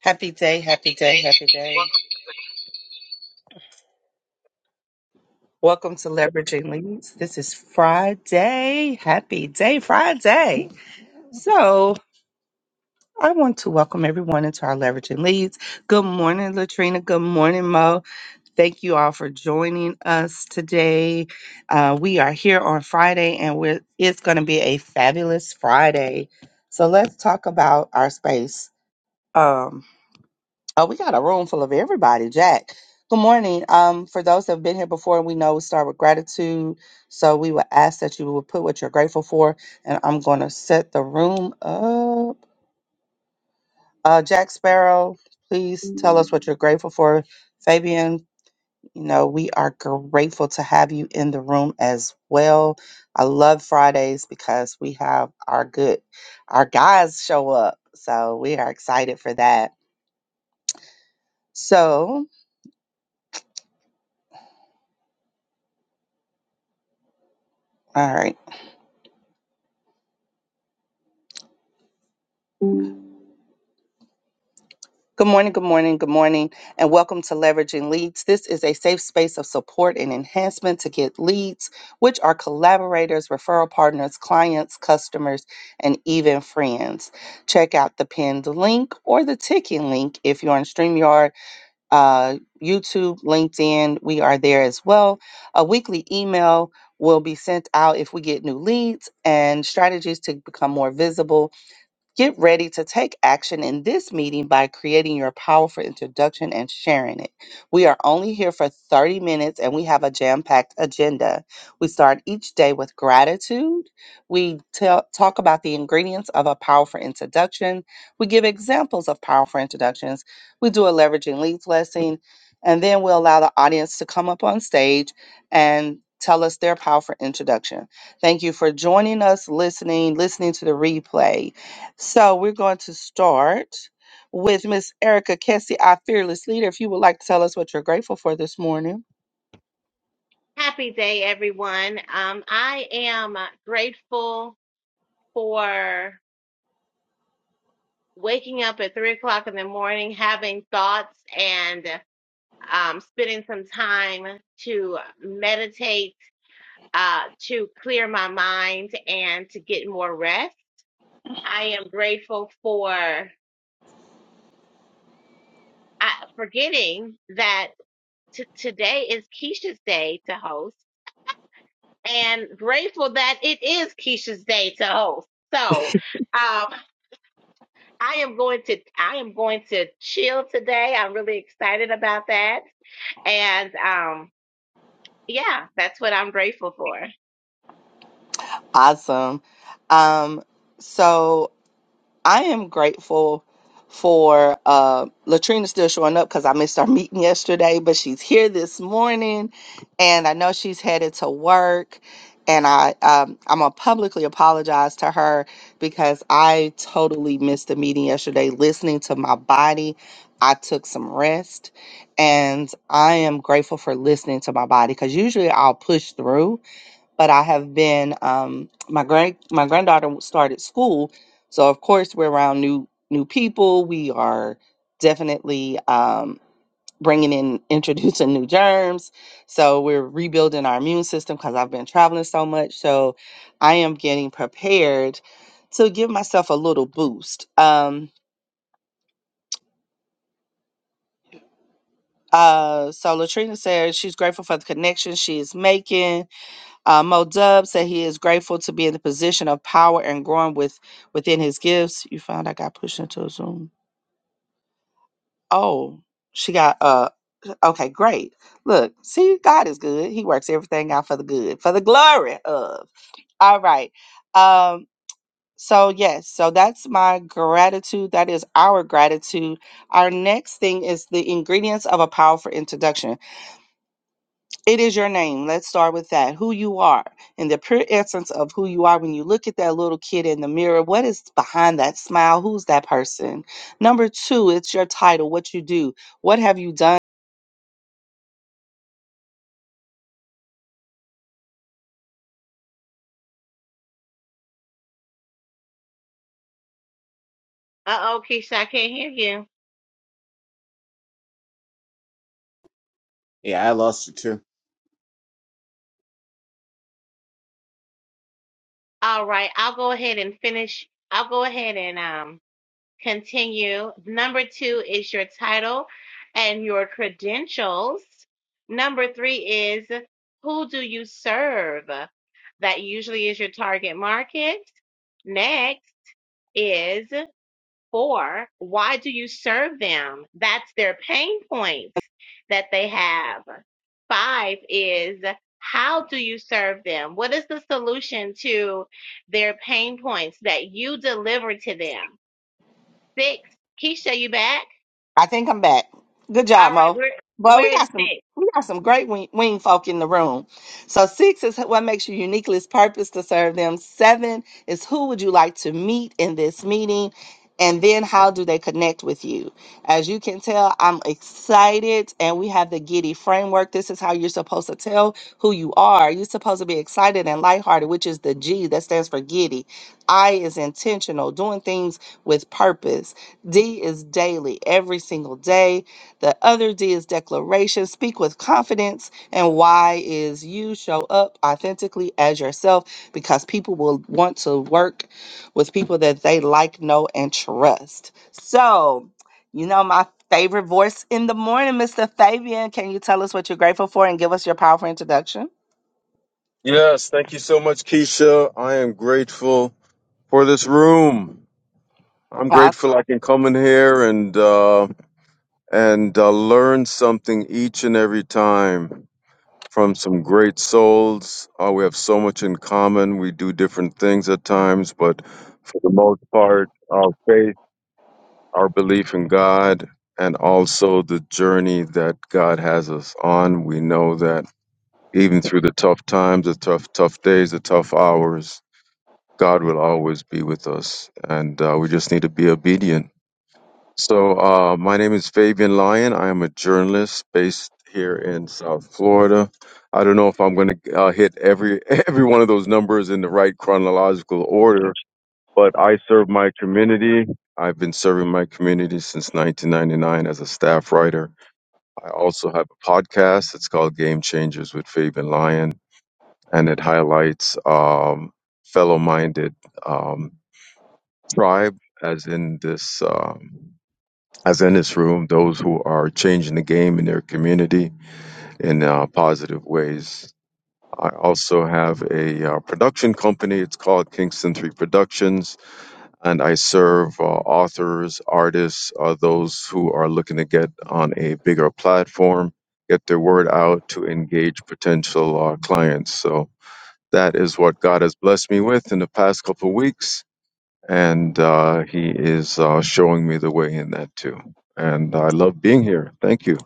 Happy day, happy day, happy day. Welcome. Welcome to Leveraging Leads. This is Friday. Happy day, Friday. So, I want to welcome everyone into our Leveraging Leads. Good morning, Latrina. Good morning, Mo. Thank you all for joining us today. Uh, we are here on Friday, and we're, it's going to be a fabulous Friday. So, let's talk about our space. Um, Oh, we got a room full of everybody, Jack. Good morning. Um, for those that have been here before, we know we start with gratitude. So we would ask that you would put what you're grateful for. And I'm going to set the room up. Uh, Jack Sparrow, please tell us what you're grateful for. Fabian, you know, we are grateful to have you in the room as well. I love Fridays because we have our good, our guys show up. So we are excited for that. So, all right. Good morning, good morning, good morning, and welcome to Leveraging Leads. This is a safe space of support and enhancement to get leads, which are collaborators, referral partners, clients, customers, and even friends. Check out the pinned link or the ticking link if you're on StreamYard, uh, YouTube, LinkedIn. We are there as well. A weekly email will be sent out if we get new leads and strategies to become more visible Get ready to take action in this meeting by creating your powerful introduction and sharing it. We are only here for 30 minutes and we have a jam packed agenda. We start each day with gratitude. We tell, talk about the ingredients of a powerful introduction. We give examples of powerful introductions. We do a leveraging leads lesson. And then we allow the audience to come up on stage and tell us their powerful introduction. Thank you for joining us, listening, listening to the replay. So we're going to start with Miss Erica Kessie, our fearless leader. If you would like to tell us what you're grateful for this morning. Happy day, everyone. Um, I am uh, grateful for waking up at three o'clock in the morning, having thoughts, and um, spending some time to meditate, uh, to clear my mind, and to get more rest. I am grateful for uh, forgetting that t- today is Keisha's day to host. and grateful that it is Keisha's day to host. So, um, I am going to I am going to chill today. I'm really excited about that, and um, yeah, that's what I'm grateful for. Awesome. Um, so I am grateful for uh, Latrina still showing up because I missed our meeting yesterday, but she's here this morning, and I know she's headed to work. And I, um, I'm gonna publicly apologize to her because I totally missed the meeting yesterday. Listening to my body, I took some rest, and I am grateful for listening to my body because usually I'll push through, but I have been um, my grand my granddaughter started school, so of course we're around new new people. We are definitely um, bringing in introducing new germs, so we're rebuilding our immune system because I've been traveling so much. So I am getting prepared to give myself a little boost. Um, uh, so Latrina says she's grateful for the connection she is making Uh, Mo Dub said he is grateful to be in the position of power and growing with within his gifts. You found I got pushed into a Zoom. Oh, she got uh okay, great. Look, see, God is good. He works everything out for the good, for the glory of. All right. Um, so yes, so that's my gratitude. That is our gratitude. Our next thing is the ingredients of a powerful introduction. It is your name. Let's start with that. Who you are and the pure essence of who you are when you look at that little kid in the mirror. What is behind that smile? Who's that person? Number two, it's your title, what you do. What have you done? Uh oh, Keisha, I can't hear you. Yeah, I lost it too. All right, I'll go ahead and finish. I'll go ahead and um Continue. Number two is your title and your credentials. Number three is who do you serve? That usually is your target market. Next is four, why do you serve them? That's their pain points that they have. Five is how do you serve them? What is the solution to their pain points that you deliver to them? Six. Keisha, you back? I think I'm back. Good All job, Mo. right, we're Well, we we're at got some six. we got some great wing, wing folk in the room. So six is what makes you uniquely is purpose to serve them. Seven is who would you like to meet in this meeting, and then how do they connect with you? As you can tell, I'm excited, and we have the Giddy framework. This is how you're supposed to tell who you are. You're supposed to be excited and lighthearted, which is the G that stands for Giddy. I is intentional, doing things with purpose. D is daily, every single day. The other D is declaration, speak with confidence. And Y is you show up authentically as yourself because people will want to work with people that they like, know, and trust. So, you know, my favorite voice in the morning, Mr. Fabian. Can you tell us what you're grateful for and give us your powerful introduction? Yes, thank you so much, Keisha. I am grateful for this room. I'm grateful I can come in here and uh, and uh, learn something each and every time from some great souls. Uh, we have so much in common. We do different things at times, but for the most part, our faith, our belief in God, and also the journey that God has us on. We know that even through the tough times, the tough tough days, the tough hours God will always be with us, and uh, we just need to be obedient. So, uh, my name is Fabian Lyon. I am a journalist based here in South Florida. I don't know if I'm going to uh, hit every every one of those numbers in the right chronological order, but I serve my community. I've been serving my community since 1999 as a staff writer. I also have a podcast. It's called Game Changers with Fabian Lyon, and it highlights um, fellow-minded. Um, tribe, as in this, um, as in this room, those who are changing the game in their community in uh, positive ways. I also have a uh, production company. It's called Kingston Three Productions, and I serve uh, authors, artists, uh, those who are looking to get on a bigger platform, get their word out to engage potential uh, clients. So that is what God has blessed me with in the past couple of weeks and uh, he is uh, showing me the way in that too. And I love being here. Thank you.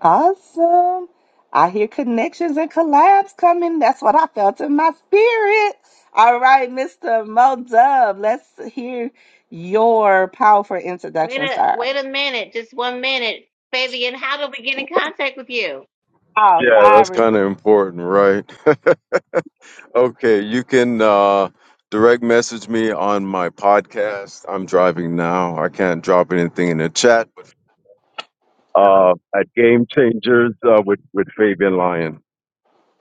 Awesome. I hear connections and collabs coming. That's what I felt in my spirit. All right, Mr. Mo Dub, let's hear your powerful Wait introduction, a wait sir. a minute, just one minute. Fabian, how do we get in contact with you? Oh, Yeah, that's sorry. kind of important, right? Okay, you can uh, direct message me on my podcast. I'm driving now. I can't drop anything in the chat. But, uh, at Game Changers uh, with with Fabian Lyon.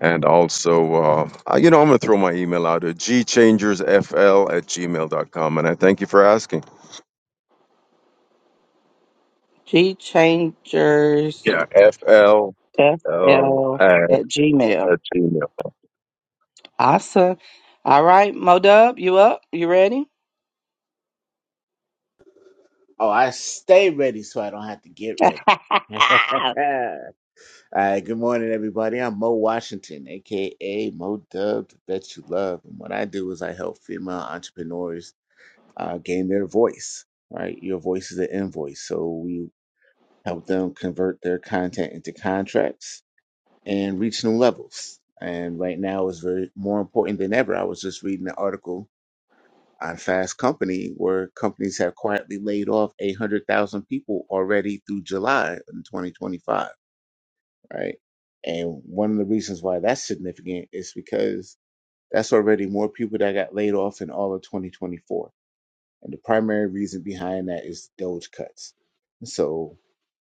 And also, uh, uh, you know, I'm going to throw my email out at gchangersfl at gmail.com. And I thank you for asking. G Changers Yeah, F L L FL at Gmail. at gmail. Awesome. All right, Mo Dub, you up? You ready? Oh, I stay ready so I don't have to get ready. All right, good morning, everybody. I'm Mo Washington, aka Mo Dub, to Bet You Love. And what I do is I help female entrepreneurs uh, gain their voice, right? Your voice is an invoice. So we help them convert their content into contracts and reach new levels. And right now is very more important than ever. I was just reading an article on Fast Company, where companies have quietly laid off 800,000 people already through July in 2025, right? And one of the reasons why that's significant is because that's already more people that got laid off in all of 2024. And the primary reason behind that is Doge cuts. So,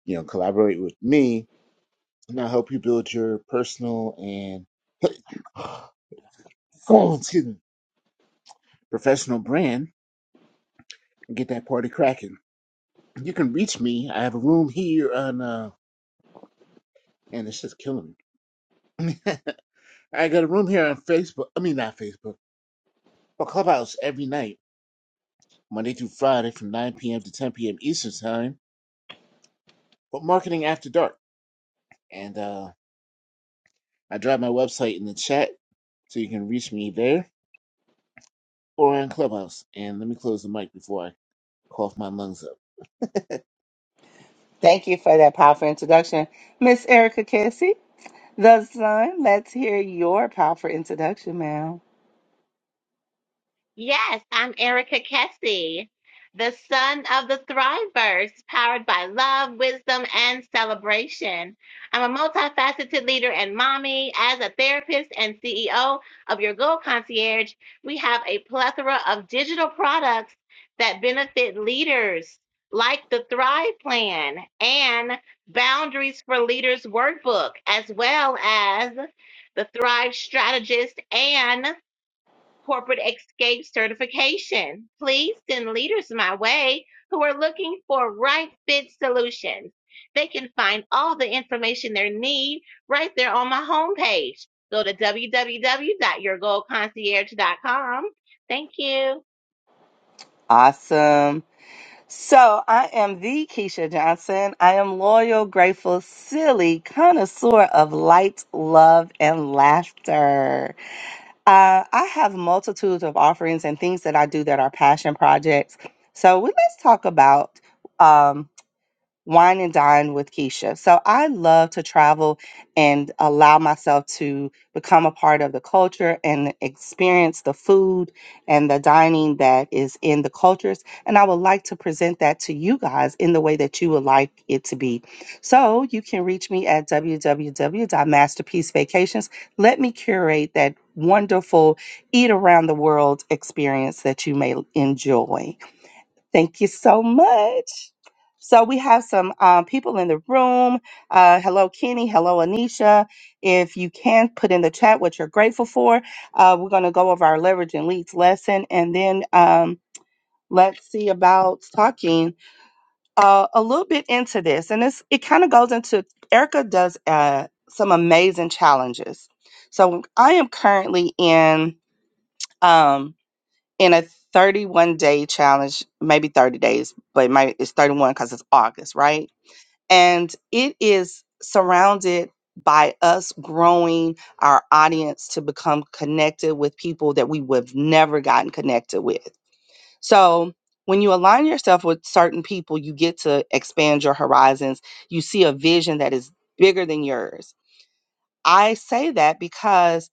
you know, collaborate with me and I'll help you build your personal and excuse me, professional brand and get that party cracking. you can reach me. I have a room here on, uh, and it's just killing me. I got a room here on Facebook. I mean, not Facebook, but Clubhouse every night, Monday through Friday from 9 p.m. to 10 p.m. Eastern Time, but marketing after dark. And uh, I drop my website in the chat so you can reach me there or on Clubhouse. And let me close the mic before I cough my lungs up. Thank you for that powerful introduction, Miss Erica Cassie. The Sun, let's hear your powerful introduction, ma'am. Yes, I'm Erica Kessie, the son of the Thrivers, powered by love, wisdom, and celebration. I'm a multifaceted leader and mommy. As a therapist and CEO of Your Goal Concierge, we have a plethora of digital products that benefit leaders, like the Thrive Plan and Boundaries for Leaders Workbook, as well as the Thrive Strategist and corporate escape certification. Please send leaders my way who are looking for right fit solutions. They can find all the information they need right there on my homepage. Go to www.yourgoalconcierge.com. Thank you. Awesome. So I am the Keisha Johnson. I am loyal, grateful, silly, connoisseur of light, love, and laughter. Uh, I have multitudes of offerings and things that I do that are passion projects. So we, let's talk about. um, wine and dine with Keisha. So I love to travel and allow myself to become a part of the culture and experience the food and the dining that is in the cultures. And I would like to present that to you guys in the way that you would like it to be. So you can reach me at www.masterpiecevacations. Let me curate that wonderful eat around the world experience that you may enjoy. Thank you so much. So we have some um, people in the room. Uh, hello, Kenny. Hello, Anisha. If you can put in the chat what you're grateful for, uh, we're going to go over our leverage and leads lesson, and then um, let's see about talking uh, a little bit into this. And it's, it kind of goes into Erica does uh, some amazing challenges. So I am currently in um, in a 31 day challenge, maybe 30 days, but it might, it's 31 because it's August, right? and it is surrounded by us growing our audience to become connected with people that we would have never gotten connected with. So, when you align yourself with certain people, you get to expand your horizons. You see a vision that is bigger than yours. I say that because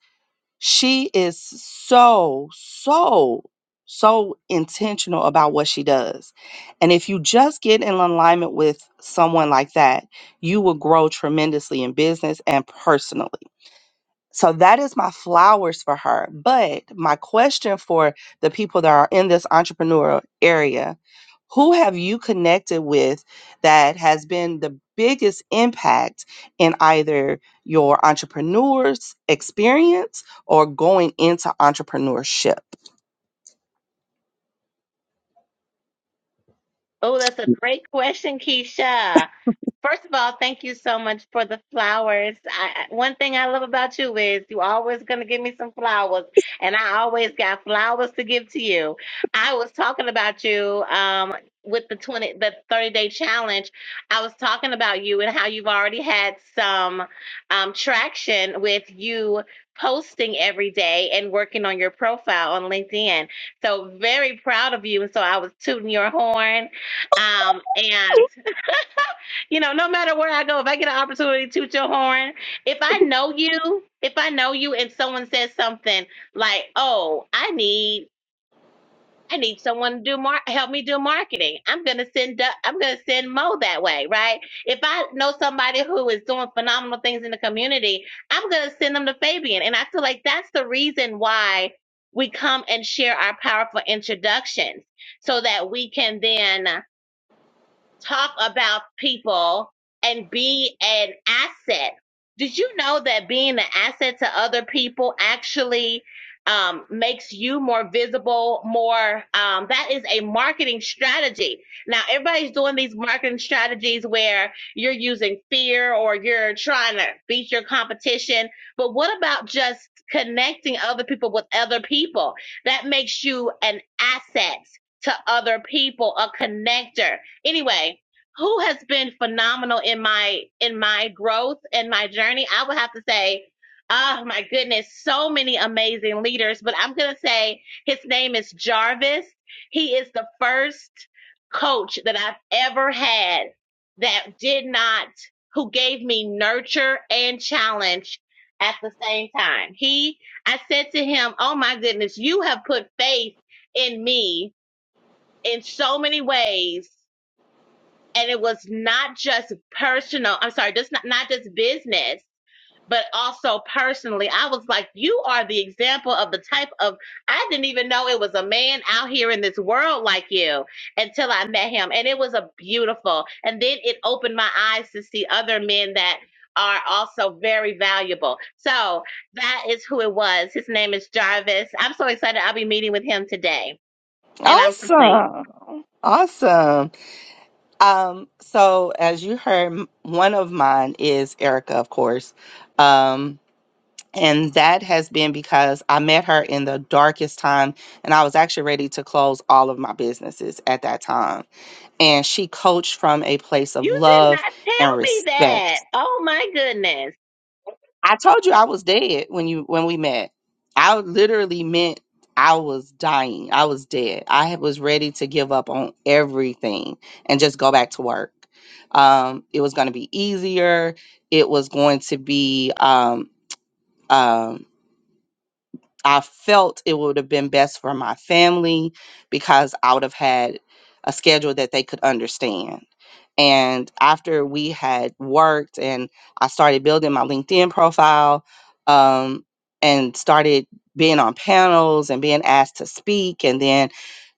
she is so, so, so intentional about what she does. And if you just get in alignment with someone like that, you will grow tremendously in business and personally. So that is my flowers for her. But my question for the people that are in this entrepreneurial area, who have you connected with that has been the biggest impact in either your entrepreneur's experience or going into entrepreneurship? Oh, that's a great question, Keisha. First of all, thank you so much for the flowers. I, I- one thing I love about you is you always going to give me some flowers, and I always got flowers to give to you. I was talking about you um, with the twenty, the thirty day challenge. I was talking about you and how you've already had some um, traction with you posting every day and working on your profile on LinkedIn. So very proud of you. And so I was tooting your horn, um, and you know, no matter where I go, if I get an opportunity to toot your horn, if I know you, if I know you and someone says something like, "Oh, I need I need someone to do mar- help me do marketing." I'm going to send Du- I'm going to send Mo that way, right? If I know somebody who is doing phenomenal things in the community, I'm going to send them to Fabian. And I feel like that's the reason why we come and share our powerful introductions so that we can then talk about people and be an asset. Did you know that being an asset to other people actually um, makes you more visible, more, um, that is a marketing strategy. Now, everybody's doing these marketing strategies where you're using fear or you're trying to beat your competition. But what about just connecting other people with other people? That makes you an asset to other people, a connector Anyway, who has been phenomenal in my in my growth and my journey? I would have to say, oh my goodness, so many amazing leaders, but I'm gonna say his name is Jarvis. He is the first coach that I've ever had that did not who gave me nurture and challenge at the same time. He I said to him, "Oh my goodness, you have put faith in me in so many ways and it was not just personal i'm sorry just not, not just business but also personally i was like you are the example of the type of i didn't even know it was a man out here in this world like you until i met him and it was a beautiful and then it opened my eyes to see other men that are also very valuable so that is who it was his name is jarvis i'm so excited i'll be meeting with him today and i'm complete Awesome. Awesome. Um, so as you heard, m- one of mine is Erica, of course. Um, And that has been because I met her in the darkest time, and I was actually ready to close all of my businesses at that time. And she coached from a place of You did not love tell and me that. respect. Oh my goodness. I told you I was dead when you when we met. I literally meant I was dying. I was dead. I was ready to give up on everything and just go back to work. Um, it was going to be easier. It was going to be um, um, I felt it would have been best for my family because I would have had a schedule that they could understand. And after we had worked and I started building my LinkedIn profile um, and started being on panels and being asked to speak and then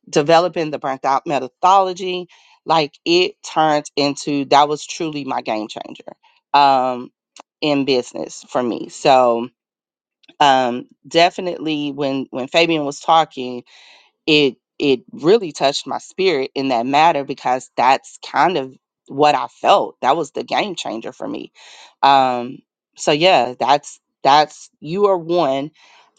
developing the burnt out methodology, like it turned into that was truly my game changer um, in business for me. So, um, definitely when when Fabian was talking, it it really touched my spirit in that matter because that's kind of what I felt. That was the game changer for me. Um, so yeah, that's that's you are one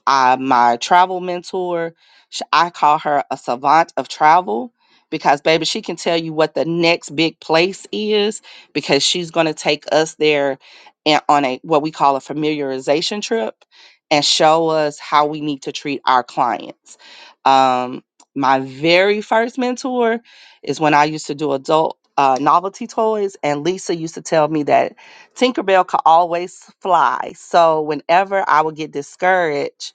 I, my travel mentor, sh- I call her a savant of travel because, baby, she can tell you what the next big place is because she's going to take us there and on a what we call a familiarization trip and show us how we need to treat our clients. Um, my very first mentor is when I used to do adult uh, novelty toys, and Lisa used to tell me that Tinkerbell could always fly. So whenever I would get discouraged,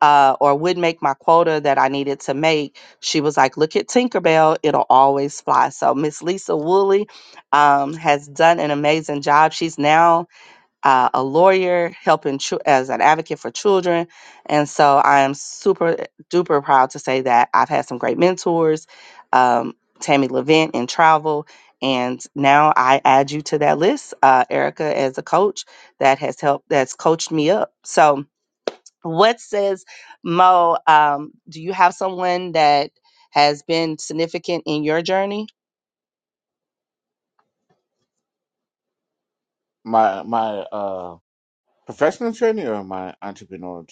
uh, or would make my quota that I needed to make, she was like, Look at Tinkerbell, it'll always fly. So, Miss Lisa Woolley um, has done an amazing job. She's now uh, a lawyer, helping chil- as an advocate for children. And so, I am super duper proud to say that I've had some great mentors, um, Tammy Levent in travel. And now I add you to that list, uh, Erica, as a coach that has helped, that's coached me up. So, what says mo um, do you have someone that has been significant in your journey My my uh professional journey or my entrepreneurial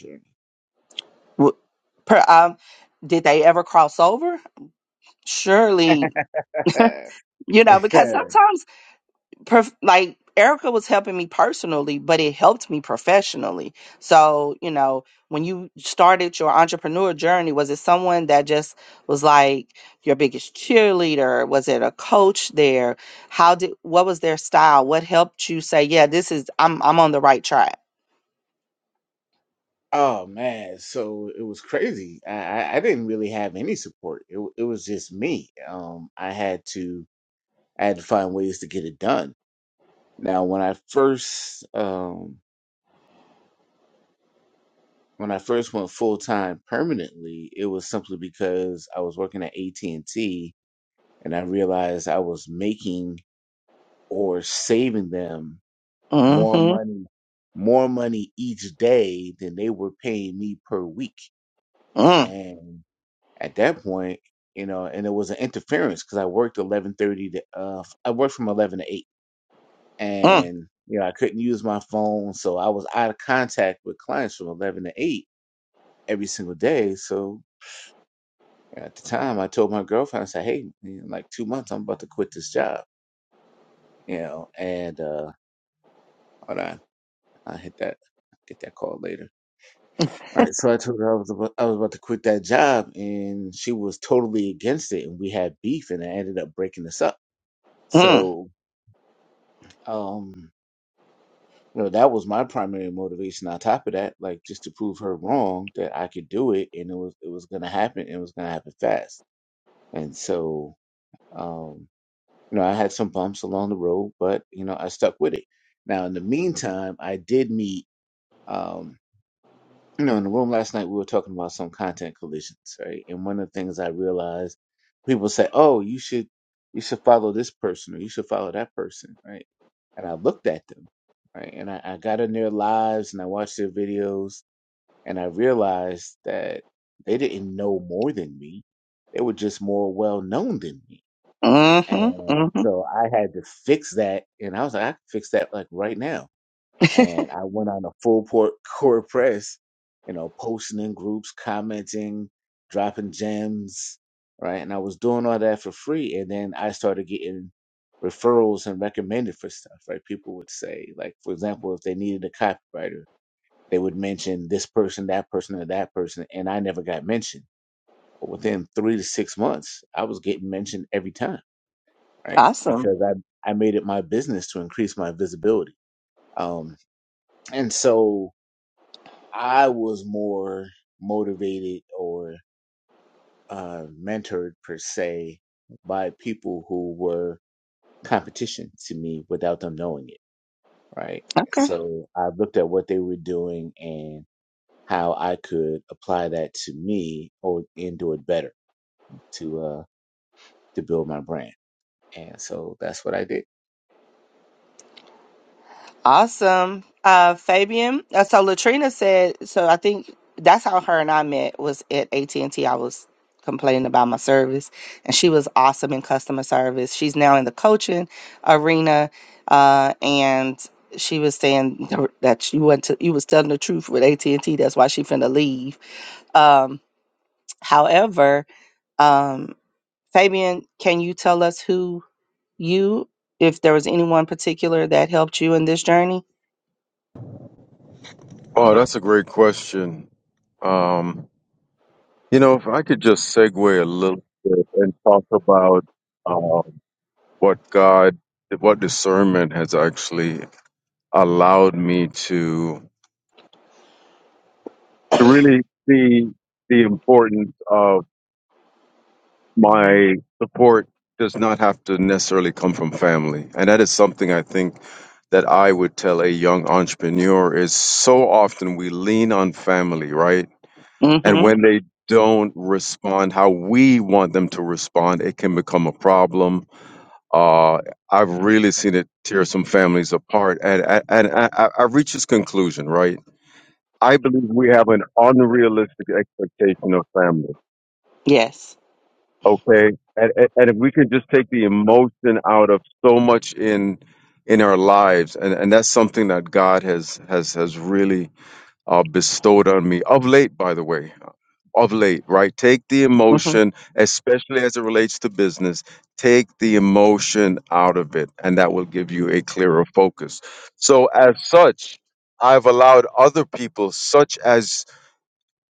W- per, um, did they ever cross over surely journey? you know because sometimes prof- like Erica was helping me personally, but it helped me professionally. So, you know, when you started your entrepreneur journey, was it someone that just was like your biggest cheerleader? Was it a coach there? How did what was their style? What helped you say, yeah, this is I'm I'm on the right track? Oh man, so it was crazy. I, I I didn't really have any support. It w- it was just me. Um, I had to I had to find ways to get it done. Now, when I first um when I first went full time permanently, it was simply because I was working at AT and T, and I realized I was making or saving them more Mm-hmm. money more money each day than they were paying me per week, Mm, and at that point, you know, and it was an interference because I worked eleven thirty to uh I worked from eleven to eight, mm, and you know I couldn't use my phone, so I was out of contact with clients from eleven to eight every single day. So at the time, I told my girlfriend, I said, "Hey, in like two months, I'm about to quit this job," you know, and uh hold on, I hit that get that call later. All right, so I told her I was about, I was about to quit that job, and she was totally against it, and we had beef, and I ended up breaking us up. mm, So um you know that was my primary motivation on top of that like just to prove her wrong that i could do it and it was it was going to happen and it was going to happen fast and so um you know i had some bumps along the road but you know i stuck with it now in the meantime i did meet um you know, in the room last night, we were talking about some content collisions, right? And one of the things I realized, people say, "Oh, you should, you should follow this person, or you should follow that person," right? And I looked at them, right, and I, I got in their lives and I watched their videos, and I realized that they didn't know more than me; they were just more well known than me. mm-hmm. And Mm-hmm. so I had to fix that, and I was like, "I can fix that like right now." and I went on a full port core press, you know, posting in groups, commenting, dropping gems, right? And I was doing all that for free, and then I started getting referrals and recommended for stuff, right? People would say, like, for example, if they needed a copywriter, they would mention this person, that person, or that person, and I never got mentioned. But within three to six months, I was getting mentioned every time, right? Awesome. Because I I made it my business to increase my visibility. Um, and so I was more motivated or uh, mentored per se by people who were competition to me without them knowing it, right? Okay. So I looked at what they were doing and how I could apply that to me or and do it better to uh to build my brand. And so that's what I did. Awesome. Uh, Fabian. Uh, so Latrina said. So I think that's how her and I met was at AT and T. I was complaining about my service, and she was awesome in customer service. She's now in the coaching arena, uh, and she was saying that you went to you was telling the truth with AT and T. That's why she finna leave. Um, however, um, Fabian, can you tell us who you, if there was anyone particular that helped you in this journey? Oh, that's a great question. Um, you know, if I could just segue a little bit and talk about um, what God, what discernment has actually allowed me to to really see the importance of my support does not have to necessarily come from family, and that is something I think that I would tell a young entrepreneur is so often we lean on family, right? And Mm-hmm. when they don't respond how we want them to respond, it can become a problem. Uh, I've really seen it tear some families apart. And, and, and I, I I've reached this conclusion, right? I believe we have an unrealistic expectation of family. Yes. Okay. And, and and if we could just take the emotion out of so much in, in our lives, and, and that's something that God has, has, has really uh, bestowed on me of late, by the way. of late, right? Take the Mm-hmm. emotion, especially as it relates to business, take the emotion out of it, and that will give you a clearer focus. So, as such, I've allowed other people, such as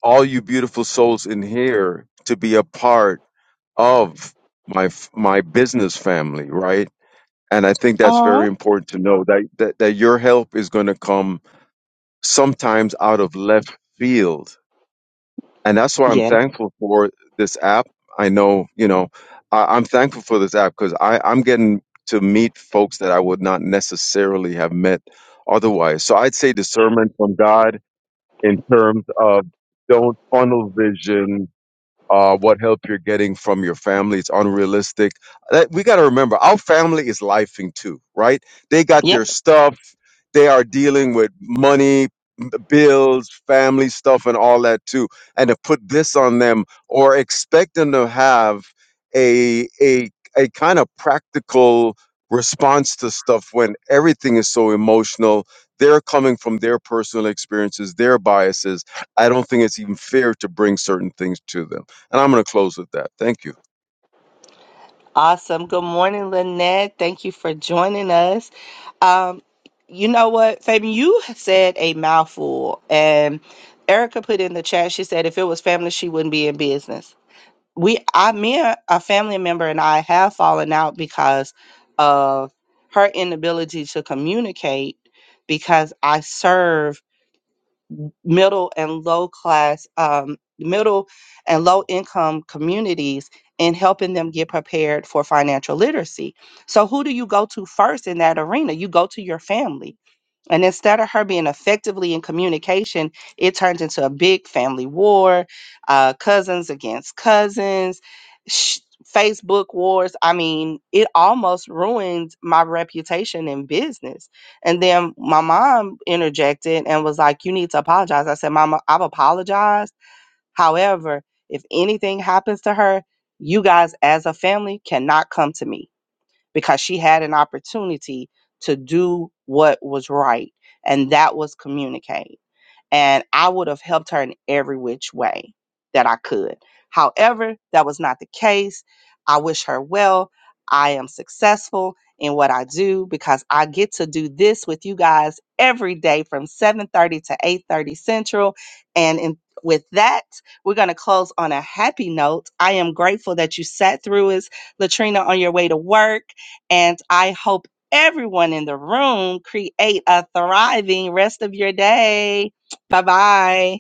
all you beautiful souls in here, to be a part of my f- my business family, right? And I think that's very Aw. important to know that that, that your help is going to come sometimes out of left field and that's why I'm Yeah. thankful for this app. I know, you know, I, I'm thankful for this app because I am getting to meet folks that I would not necessarily have met otherwise. So I'd say discernment from God in terms of don't funnel vision. Uh, what help you're getting from your family? It's unrealistic. That, we got to remember, our family is lifing too, right? They got Yeah. their stuff. They are dealing with money, bills, family stuff, and all that too. And to put this on them or expect them to have a a a kind of practical response to stuff when everything is so emotional. They're coming from their personal experiences, their biases. I don't think it's even fair to bring certain things to them. And I'm going to close with that. Thank you. Awesome. Good morning, Lynette. Thank you for joining us. Um, you know what, Fabian, you said a mouthful and Erica put in the chat, she said if it was family, she wouldn't be in business. We I me and a family member and I have fallen out because of her inability to communicate because I serve middle and low class, um, middle and low income communities and helping them get prepared for financial literacy. So, who do you go to first in that arena? You go to your family and instead of her being effectively in communication, it turned into a big family war, uh, cousins against cousins, sh- Facebook wars. I mean, it almost ruined my reputation in business. And then my mom interjected and was like, You need to apologize. I said, Mama, I've apologized. However, if anything happens to her, you guys as a family cannot come to me because she had an opportunity to do what was right, and that was communicate and I would have helped her in every which way that I could. However, that was not the case. I wish her well. I am successful in what I do because I get to do this with you guys every day from 7:30 to 8:30 Central and in, with that, we're going to close on a happy note. I am grateful that you sat through us, Latrina, on your way to work. And I hope everyone in the room create a thriving rest of your day. Bye-bye.